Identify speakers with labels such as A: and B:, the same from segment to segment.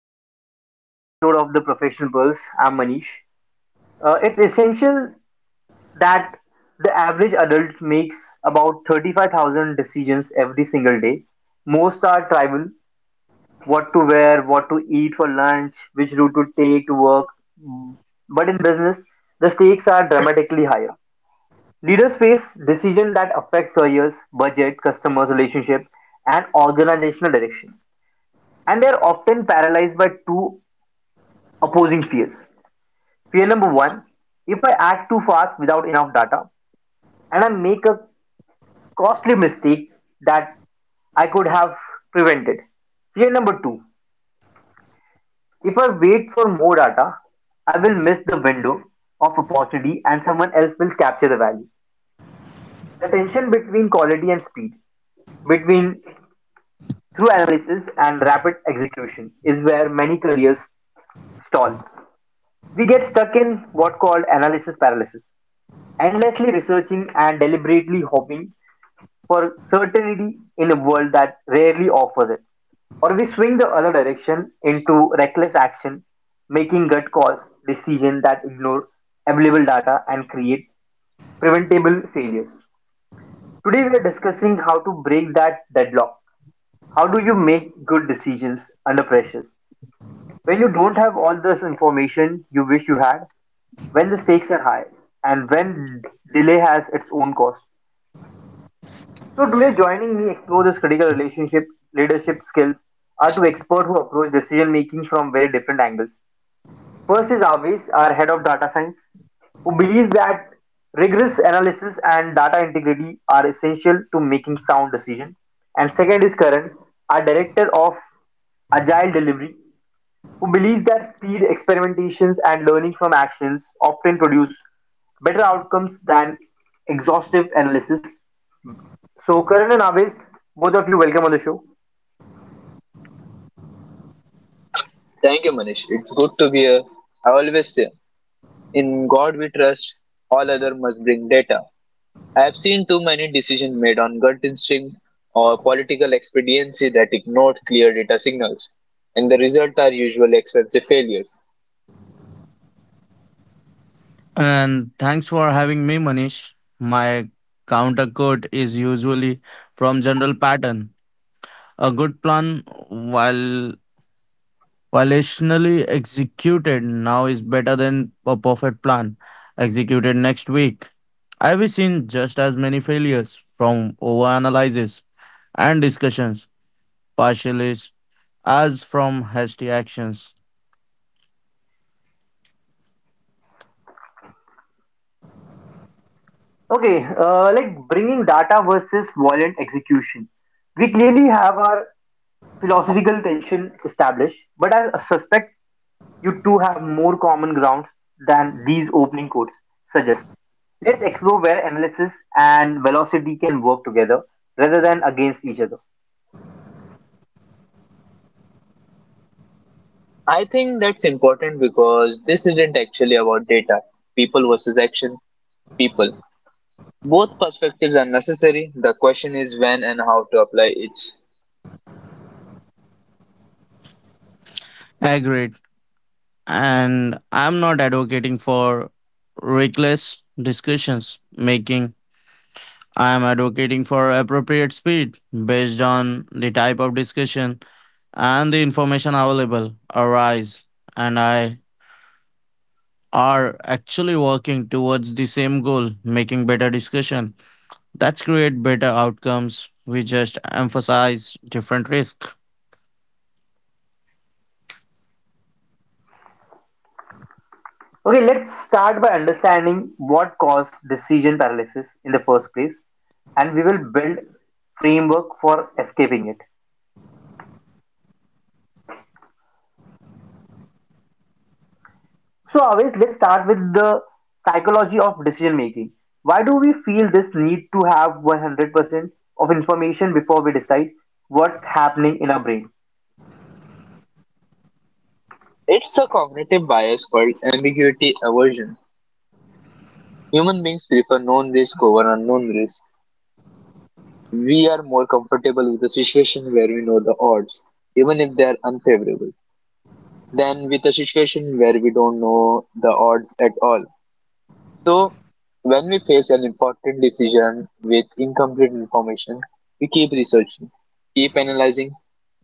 A: to a special roundtable episode of the Professional Pulse. I'm Manish. It's essential that the average adult makes about 35,000 decisions every single day. Most are tribal what to wear, what to eat for lunch, which route to take to work. Mm, But in business, the stakes are dramatically higher. Leaders face decisions that affect careers, budget, customers, relationship, and organizational direction. And they're often paralyzed by two opposing fears. Fear number one, if I act too fast without enough data and I make a costly mistake that I could have prevented. Fear number two, if I wait for more data, I will miss the window of opportunity and someone else will capture the value. The tension between quality and speed, between through analysis and rapid execution, is where many careers stall. We get stuck in what called analysis paralysis, endlessly researching and deliberately hoping for certainty in a world that rarely offers it. Or we swing the other direction into reckless action, making gut cause decisions that ignore available data and create preventable failures. Today we are discussing how to break that deadlock. How do you make good decisions under pressure? When you don't have all this information you wish you had, when the stakes are high, and when delay has its own cost. So today, joining me explore this critical relationship leadership skills are two experts who approach decision making from very different angles. First is Avish, our head of data science, who believes that rigorous analysis and data integrity are essential to making sound decisions. And second is Karan, our director of agile delivery, who believes that speed, experimentations, and learning from actions often produce better outcomes than exhaustive analysis. So Karan and Avis, both of you, welcome on the show.
B: Thank you, Manish. It's good to be here. I always say, in God we trust, all other must bring data. I have seen too many decisions made on gut instinct or political expediency, that ignored clear data signals, and the result are usually expensive failures.
C: And thanks for having me, Manish. My counter code is usually from general pattern. A good plan, while violationally executed now, is better than a perfect plan executed next week. I've seen just as many failures from overanalysis and discussions, partially as from hasty actions.
A: Okay, like bringing data versus violent execution. We clearly have our philosophical tension established, but I suspect you two have more common grounds than these opening quotes suggest. Let's explore where analysis and velocity can work together rather than against each other.
B: I think that's important because this isn't actually about data, people versus action, people. Both perspectives are necessary. The question is when and how to apply each.
C: Agreed. And I'm not advocating for reckless discussions making. I am advocating for appropriate speed based on the type of discussion and the information available arise. And I are actually working towards the same goal, making better discussion. That's create better outcomes. We just emphasize different risk.
A: Okay, let's start by understanding what caused decision paralysis in the first place, and we will build framework for escaping it. So, always let's start with the psychology of decision making. Why do we feel this need to have 100% of information before we decide what's happening in our brain?
B: It's a cognitive bias called ambiguity aversion. Human beings prefer known risk over unknown risk. We are more comfortable with a situation where we know the odds, even if they are unfavorable, than with a situation where we don't know the odds at all. So, when we face an important decision with incomplete information, we keep researching, keep analyzing,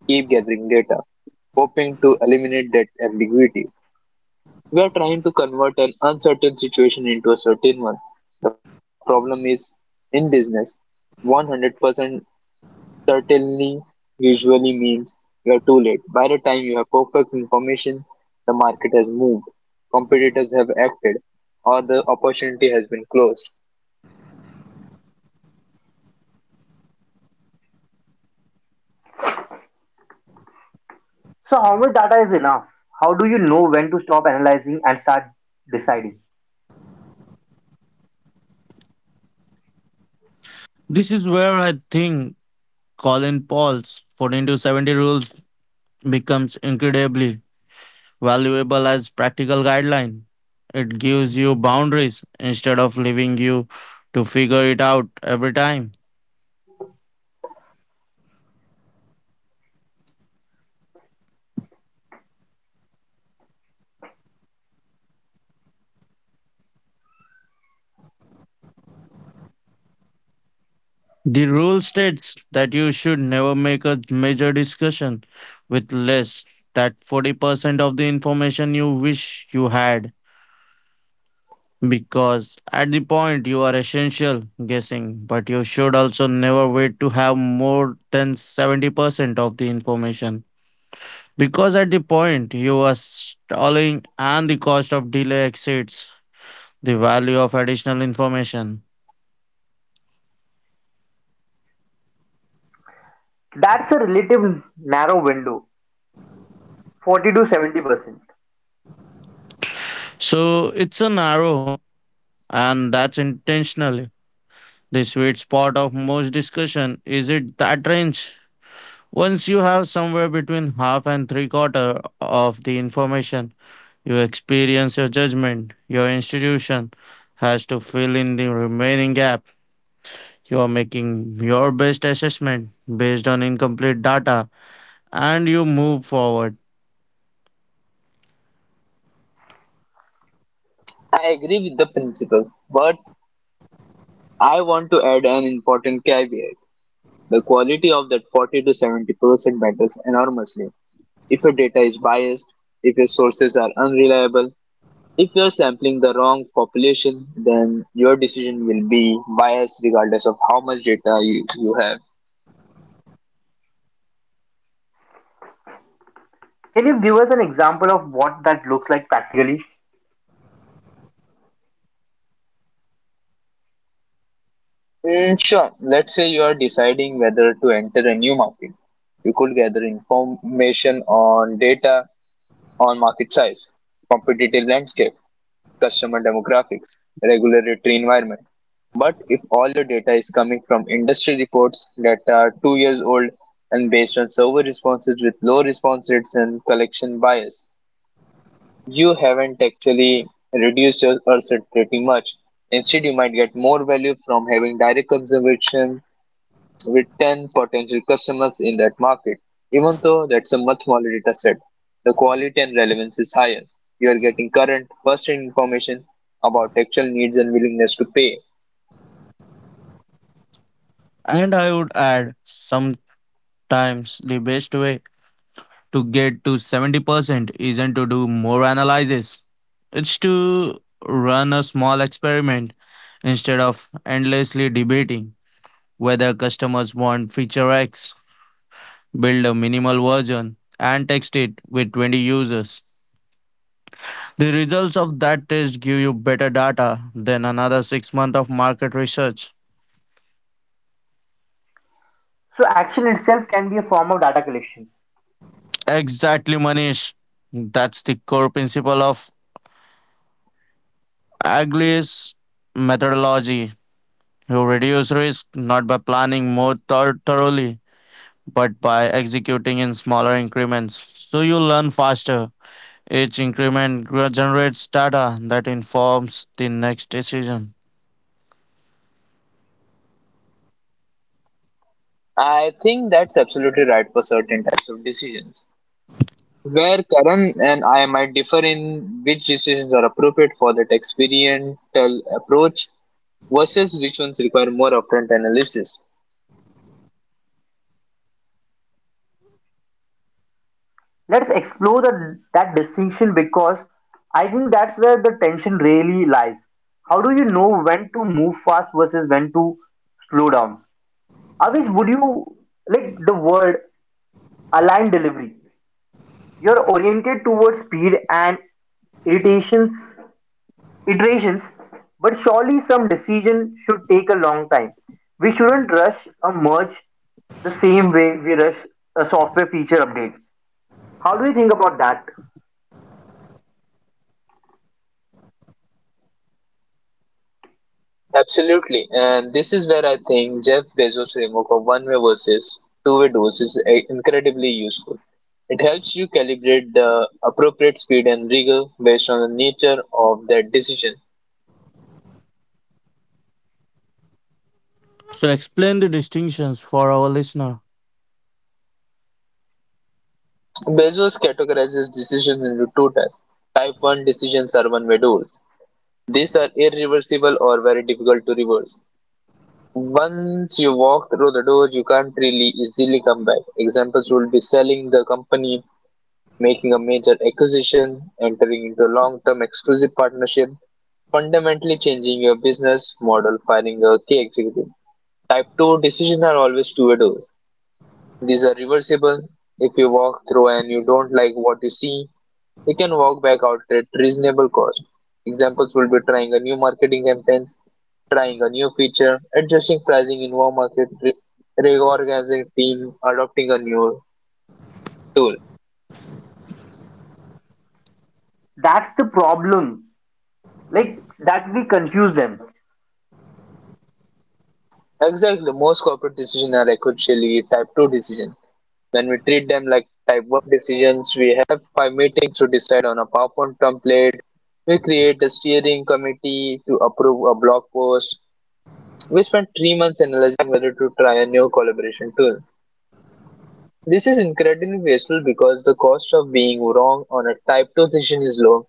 B: keep gathering data, hoping to eliminate that ambiguity. We are trying to convert an uncertain situation into a certain one. The problem is, in business, 100% certainty usually means you are too late. By the time you have perfect information, the market has moved, competitors have acted, or the opportunity has been closed.
A: So, how much data is enough? How do you know when to stop analyzing and start deciding?
C: This is where I think Colin Paul's 14 to 70 rules becomes incredibly valuable as practical guideline. It gives you boundaries instead of leaving you to figure it out every time. The rule states that you should never make a major discussion with less than 40% of the information you wish you had, because at the point you are essential guessing, but you should also never wait to have more than 70% of the information, because at the point you are stalling and the cost of delay exceeds the value of additional information.
A: That's a relative narrow window, 40 to 70%.
C: So it's a narrow, and that's intentionally the sweet spot of most discussion. Is it that range? Once you have somewhere between half and three quarter of the information, you experience your judgment, your institution has to fill in the remaining gap. You are making your best assessment based on incomplete data and you move forward.
B: I agree with the principle, but I want to add an important caveat. The quality of that 40 to 70% matters enormously. If your data is biased, if your sources are unreliable, if you're sampling the wrong population, then your decision will be biased regardless of how much data you have.
A: Can you give us an example of what that looks like practically?
B: Sure, let's say you are deciding whether to enter a new market. You could gather information on data on market size, competitive landscape, customer demographics, regulatory environment. But if all your data is coming from industry reports that are 2 years old and based on survey responses with low response rates and collection bias, you haven't actually reduced your asset pretty much. Instead, you might get more value from having direct conversation with 10 potential customers in that market. Even though that's a much smaller data set, the quality and relevance is higher. You are getting current, first-hand information about actual needs and willingness to pay.
C: And I would add, sometimes the best way to get to 70% isn't to do more analysis, it's to run a small experiment instead of endlessly debating whether customers want feature X, build a minimal version, and test it with 20 users. The results of that test give you better data than another 6 months of market research.
A: So, action itself can be a form of data collection.
C: Exactly, Manish. That's the core principle of Agley's methodology. You reduce risk not by planning more thoroughly, but by executing in smaller increments. So you learn faster. Each increment generates data that informs the next decision.
B: I think that's absolutely right for certain types of decisions. Where Karan and I might differ in which decisions are appropriate for that experiential approach, versus which ones require more upfront analysis.
A: Let's explore that distinction because I think that's where the tension really lies. How do you know when to move fast versus when to slow down? Avis, would you like the word aligned delivery? You're oriented towards speed and iterations, iterations, but surely some decision should take a long time. We shouldn't rush a merge the same way we rush a software feature update. How do you think about that?
B: Absolutely, and this is where I think Jeff Bezos' framework of one way versus two-way dose is, incredibly useful. It helps you calibrate the appropriate speed and rigor based on the nature of that decision.
C: So explain the distinctions for our listener.
B: Bezos categorizes decisions into two types. Type 1 decisions are one way doors. These are irreversible or very difficult to reverse. Once you walk through the door, you can't really easily come back. Examples would be selling the company, making a major acquisition, entering into a long-term exclusive partnership, fundamentally changing your business model, firing a key executive. Type 2 decisions are always two doors. These are reversible. If you walk through and you don't like what you see, you can walk back out at reasonable cost. Examples will be trying a new marketing campaign, trying a new feature, adjusting pricing in one market, reorganizing team, adopting a new tool.
A: That's the problem. Like that we confuse them.
B: Exactly, most corporate decisions are actually type 2 decision. When we treat them like type 1 decisions, we have five meetings to decide on a PowerPoint template. We create a steering committee to approve a blog post. We spend 3 months analyzing whether to try a new collaboration tool. This is incredibly wasteful because the cost of being wrong on a type 2 decision is low.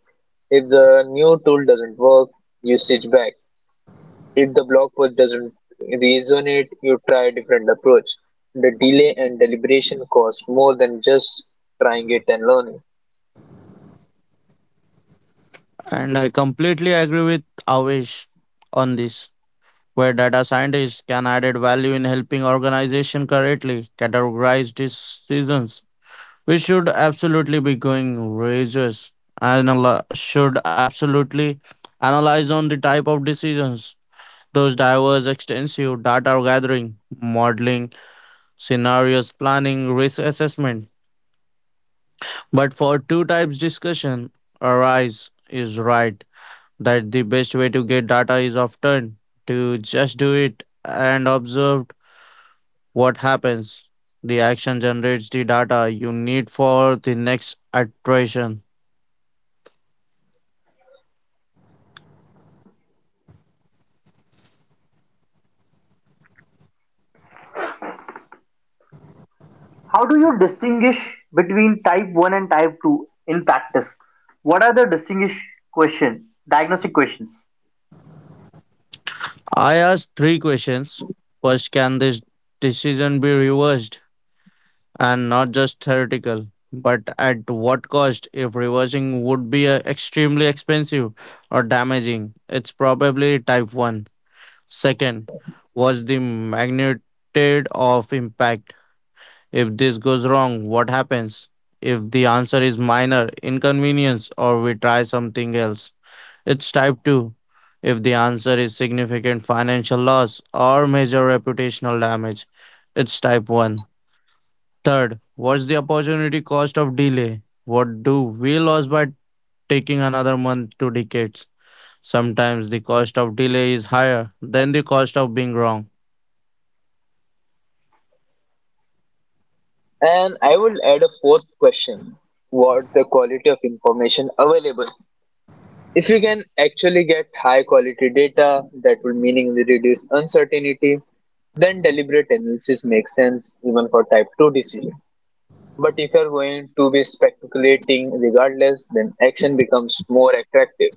B: If the new tool doesn't work, you switch back. If the blog post doesn't resonate, you try a different approach. The delay and deliberation cost more than just trying it and learning.
C: And I completely agree with Avish on this, where data scientists can add value in helping organization correctly categorize decisions. We should absolutely be going rigorous and should absolutely analyze on the type of decisions. Those diverse, extensive data gathering, modeling, scenarios planning, risk assessment. But for two types discussion, arise is right that the best way to get data is often to just do it and observe what happens. The action generates the data you need for the next iteration.
A: How do you distinguish between type 1 and type 2 in practice? What are the distinguish question, diagnostic questions?
C: I asked three questions. First, can this decision be reversed, and not just theoretical? But at what cost? If reversing would be extremely expensive or damaging, it's probably type 1. Second, was the magnitude of impact? If this goes wrong, what happens? If the answer is minor inconvenience or we try something else, it's type 2. If the answer is significant financial loss or major reputational damage, it's type 1. Third, what's the opportunity cost of delay? What do we lose by taking another month to decades? Sometimes the cost of delay is higher than the cost of being wrong.
B: And I would add a fourth question. What's the quality of information available? If you can actually get high quality data that will meaningfully reduce uncertainty, then deliberate analysis makes sense even for type 2 decision. But if you're going to be speculating regardless, then action becomes more attractive.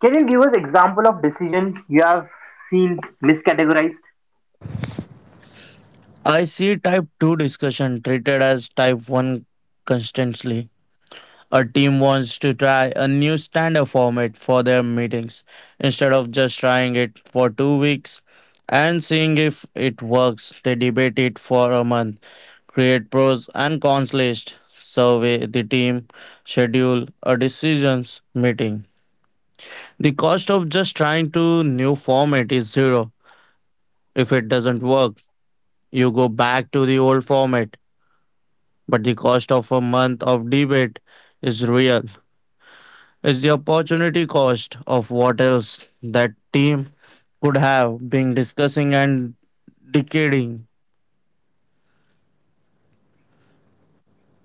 A: Can you give us example of decisions you have seen miscategorized?
C: I see type 2 discussion treated as type 1 constantly. A team wants to try a new standard format for their meetings instead of just trying it for 2 weeks and seeing if it works. They debate it for a month, create pros and cons list, survey the team, schedule a decisions meeting. The cost of just trying to new format is zero. If it doesn't work, you go back to the old format, but the cost of a month of debate is real. Is the opportunity cost of what else that team could have been discussing and decaying.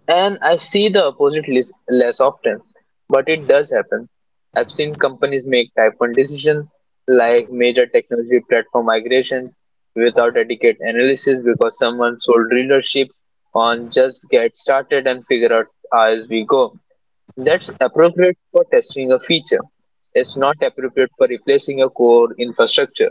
B: And I see the opposite less often, but it does happen. I've seen companies make type 1 decisions like major technology platform migrations without adequate analysis because someone sold leadership on just get started and figure out as we go. That's appropriate for testing a feature. It's not appropriate for replacing a core infrastructure.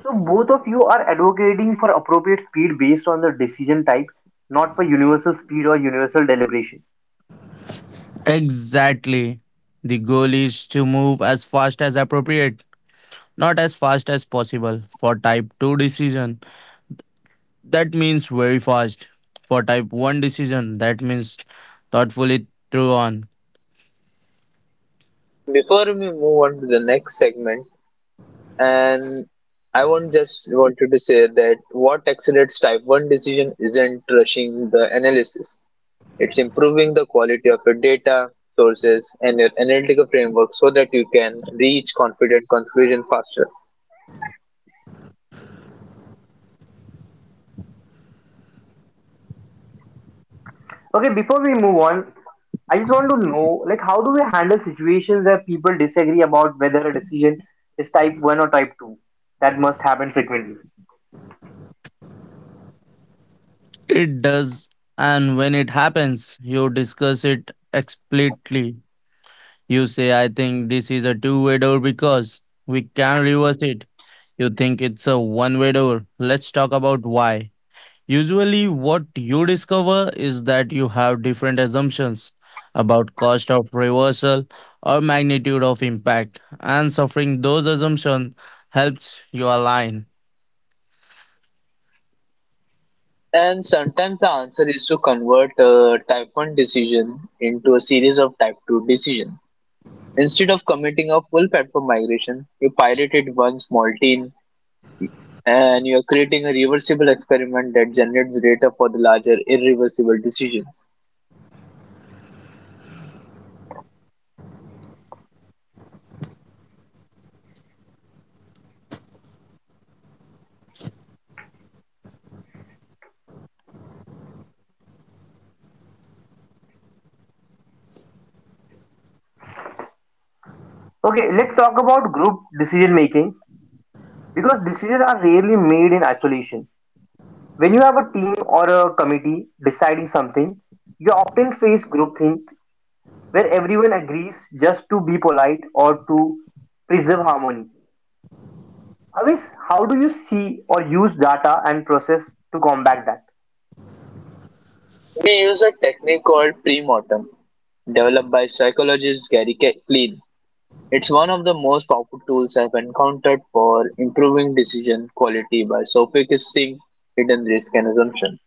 A: So both of you are advocating for appropriate speed based on the decision type, not for universal speed or universal deliberation.
C: Exactly. The goal is to move as fast as appropriate, not as fast as possible. For type 2 decision, that means very fast. For type 1 decision, that means thoughtfully through on.
B: Before we move on to the next segment, And I want just wanted to say that what accelerates type 1 decision isn't rushing the analysis. It's improving the quality of your data, sources, and your analytical framework so that you can reach confident conclusion faster.
A: Okay, before we move on, I just want to know, like, how do we handle situations where people disagree about whether a decision is type 1 or type 2? That must happen frequently.
C: It does, and when it happens, you discuss it explicitly. You say, I think this is a two-way door because we can reverse it. You think it's a one way door. Let's talk about why. Usually, what you discover is that you have different assumptions about cost of reversal or magnitude of impact, and suffering those assumptions helps you align.
B: And sometimes the answer is to convert a type 1 decision into a series of type 2 decisions. Instead of committing a full platform migration, you pilot it one small team. And you are creating a reversible experiment that generates data for the larger irreversible decisions.
A: Okay, let's talk about group decision making because decisions are rarely made in isolation. When you have a team or a committee deciding something, you often face groupthink where everyone agrees just to be polite or to preserve harmony. Avis, how do you see or use data and process to combat that?
B: They use a technique called premortem, developed by psychologist Gary Klein. It's one of the most powerful tools I've encountered for improving decision quality by surfacing hidden risk and assumptions.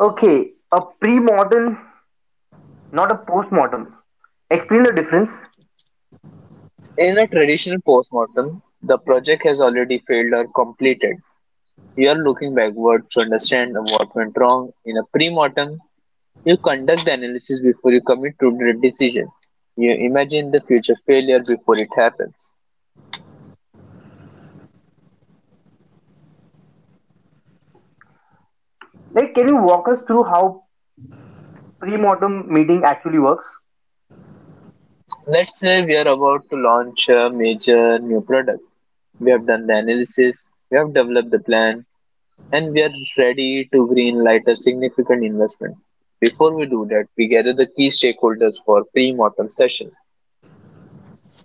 A: Okay, a pre-modern, not a post-mortem. Explain the difference.
B: In a traditional postmortem, the project has already failed or completed. We are looking backward to understand what went wrong. In a premortem, you conduct the analysis before you commit to the decision. You imagine the future failure before it happens.
A: Like, can you walk us through how pre-mortem meeting actually works?
B: Let's say we are about to launch a major new product. We have done the analysis, we have developed the plan, and we are ready to green light a significant investment. Before we do that, we gather the key stakeholders for pre-mortem session.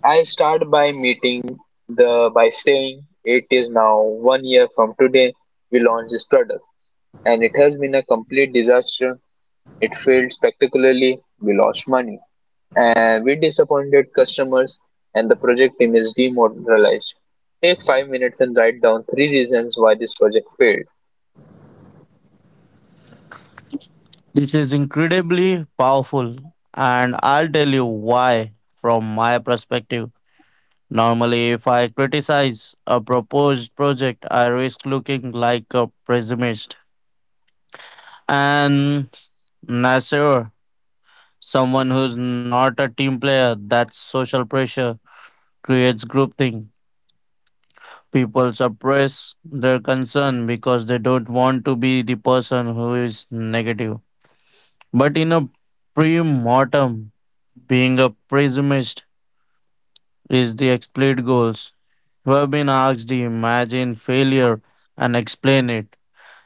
B: I start by meeting the by saying, it is now 1 year from today, we launch this product and it has been a complete disaster. It failed spectacularly, we lost money, and we disappointed customers, and the project team is demoralized. Take 5 minutes and write down 3 reasons why this project failed.
C: This is incredibly powerful, and I'll tell you why from my perspective. Normally, if I criticize a proposed project, I risk looking like a pessimist and naysayer, someone who's not a team player. That social pressure creates groupthink. People suppress their concern because they don't want to be the person who is negative. But in a pre-mortem, being a pessimist is the explicit goals. You have been asked to imagine failure and explain it.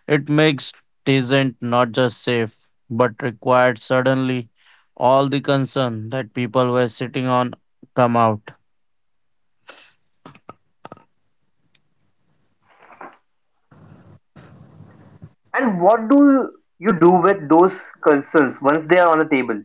C: It makes Tencent not just safe, but required. Suddenly all the concern that people were sitting on come out.
A: And what do you do with those concerns once they are on the table?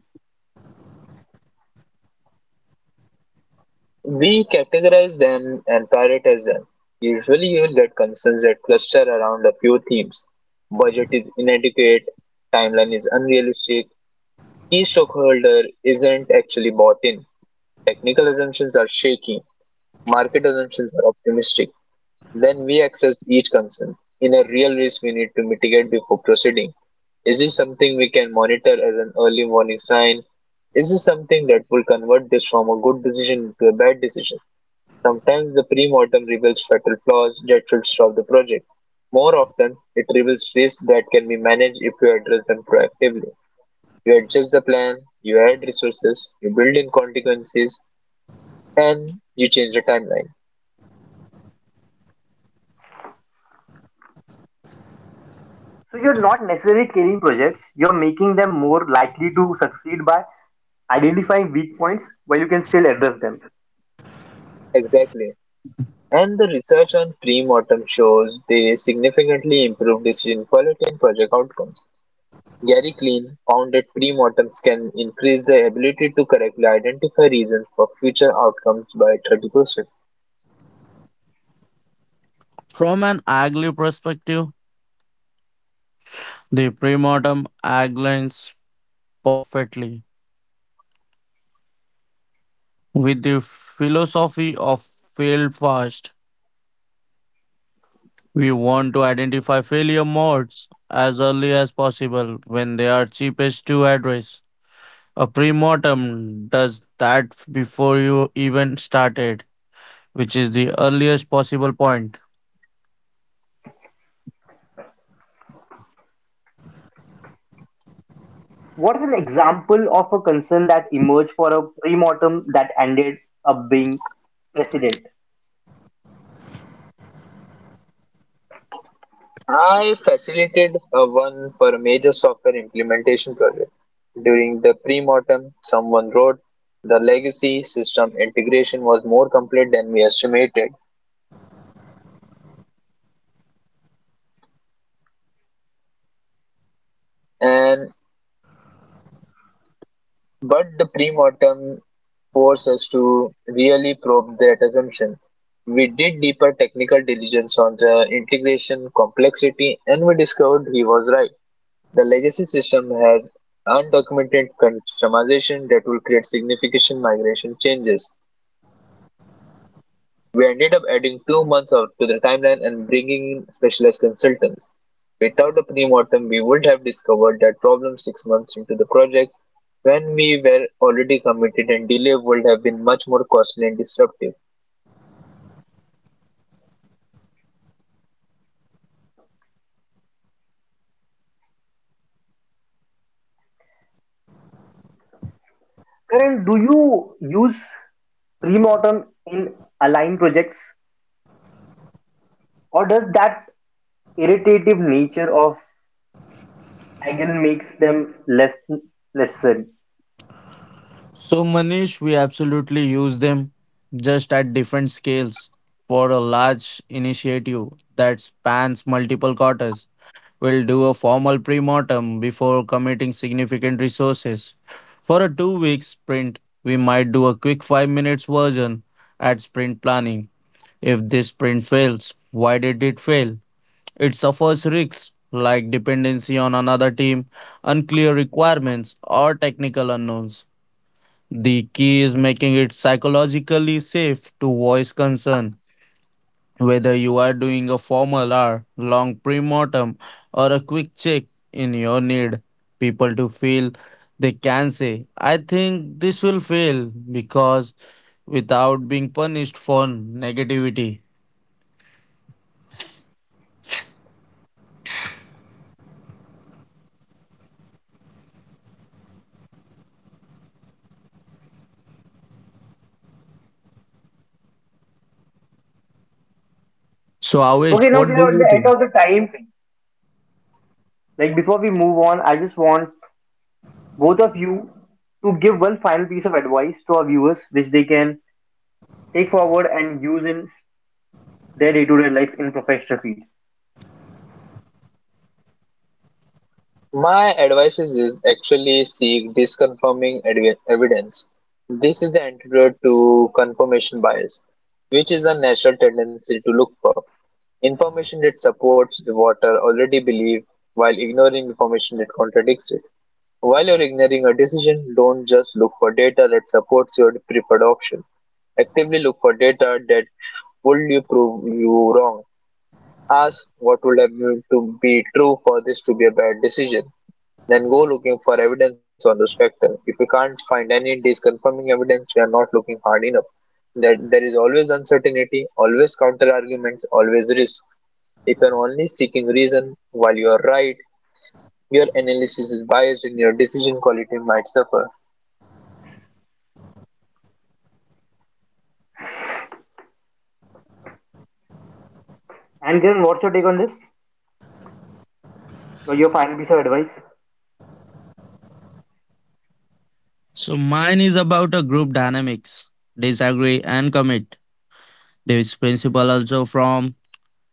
B: We categorize them and prioritize them. Usually, you will get concerns that cluster around a few themes. Budget is inadequate, timeline is unrealistic, key stockholder isn't actually bought in, technical assumptions are shaky, market assumptions are optimistic. Then we assess each concern. In a real risk we need to mitigate before proceeding. Is this something we can monitor as an early warning sign? Is this something that will convert this from a good decision into a bad decision? Sometimes the pre-mortem reveals fatal flaws that should stop the project. More often, it reveals risks that can be managed if you address them proactively. You adjust the plan, you add resources, you build in consequences, and you change the timeline.
A: So you're not necessarily killing projects, you're making them more likely to succeed by identifying weak points where you can still address them.
B: Exactly. And the research on pre-mortem shows they significantly improve decision quality and project outcomes. Gary Klein found that pre-mortems can increase the ability to correctly identify reasons for future outcomes by 30%.
C: From an ugly perspective, the premortem aligns perfectly with the philosophy of fail fast. We want to identify failure modes as early as possible when they are cheapest to address. A premortem does that before you even started, which is the earliest possible point.
A: What's an example of a concern that emerged for a pre-mortem that ended up being precedent?
B: I facilitated one for a major software implementation project. During the pre-mortem, someone wrote the legacy system integration was more complete than we estimated, and but the pre-mortem forced us to really probe that assumption. We did deeper technical diligence on the integration complexity and we discovered he was right. The legacy system has undocumented customization that will create significant migration changes. We ended up adding 2 months of, to the timeline and bringing in specialized consultants. Without the pre-mortem, we would have discovered that problem 6 months into the project when we were already committed and delay would have been much more costly and disruptive.
A: Karan, do you use pre-mortem in aligned projects, or does that irritative nature of angle makes them less necessary?
C: So, Manish, we absolutely use them, just at different scales. For a large initiative that spans multiple quarters, we'll do a formal pre-mortem before committing significant resources. For a two-week sprint, we might do a quick 5 minutes version at sprint planning. If this sprint fails, why did it fail? It suffers risks like dependency on another team, unclear requirements, or technical unknowns. The key is making it psychologically safe to voice concern. Whether you are doing a formal or long pre-mortem or a quick check in your need, people to feel they can say, I think this will fail because, without being punished for negativity. So Avish,
A: Okay, now we
C: what do
A: are at
C: you
A: the end
C: think?
A: of the time. Like before we move on, I just want both of you to give one final piece of advice to our viewers, which they can take forward and use in their day-to-day life in professional field.
B: My advice is, actually seek disconfirming evidence. This is the antidote to confirmation bias, which is a natural tendency to look for information that supports what are already believed, while ignoring information that contradicts it. While you're ignoring a decision, don't just look for data that supports your preferred option. Actively look for data that would you prove you wrong. Ask what would have been to be true for this to be a bad decision. Then go looking for evidence on the spectrum. If you can't find any disconfirming evidence, we are not looking hard enough. That there is always uncertainty, always counter arguments, always risk. If you are only seeking reason while you are right, your analysis is biased and your decision quality might suffer.
A: And Kiran, what's your take on this? Or your final piece of advice?
C: So mine is about a group dynamics, disagree and commit. This principle also from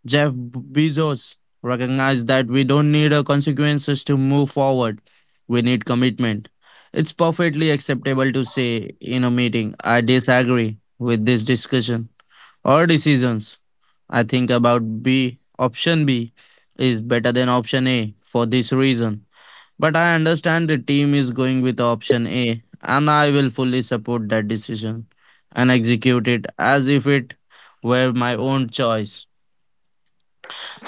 C: Jeff Bezos recognize that we don't need a consequences to move forward. We need commitment. It's perfectly acceptable to say in a meeting, I disagree with this discussion or decisions. I think about B, option B is better than option A for this reason. But I understand the team is going with option A, and I will fully support that decision and execute it as if it were my own choice.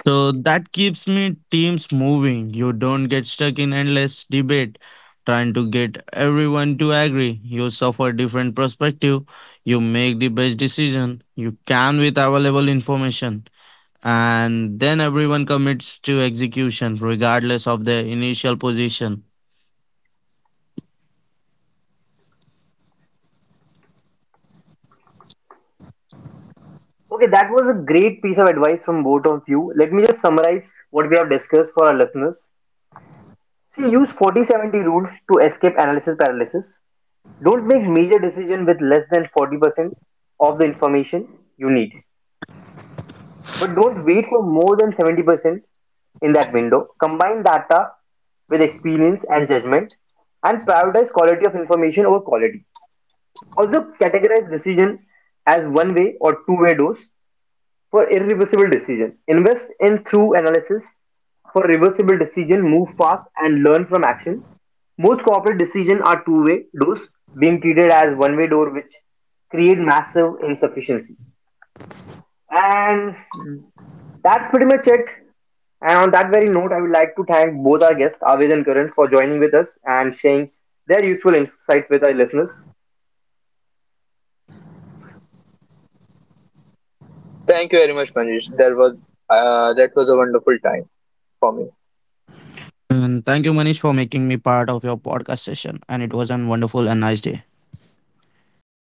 C: So that keeps me teams moving. You don't get stuck in endless debate trying to get everyone to agree. You suffer different perspective. You make the best decision you can with available information. And then everyone commits to execution regardless of their initial position.
A: Okay, that was a great piece of advice from both of you. Let me just summarize what we have discussed for our listeners. See, use 40-70 rule to escape analysis paralysis. Don't make major decision with less than 40% of the information you need. But don't wait for more than 70% in that window. Combine data with experience and judgment and prioritize quality of information over quality. Also categorize decision as one way or two-way doors for irreversible decision. Invest in through analysis for reversible decision, move fast and learn from action. Most corporate decisions are two-way doors being treated as one-way door which create massive insufficiency. And that's pretty much it. And on that very note, I would like to thank both our guests, Aved and Karan, for joining with us and sharing their useful insights with our listeners.
B: Thank you very much, Manish. That was, that was a wonderful time for me.
C: And thank you, Manish, for making me part of your podcast session. And it was a wonderful and nice day.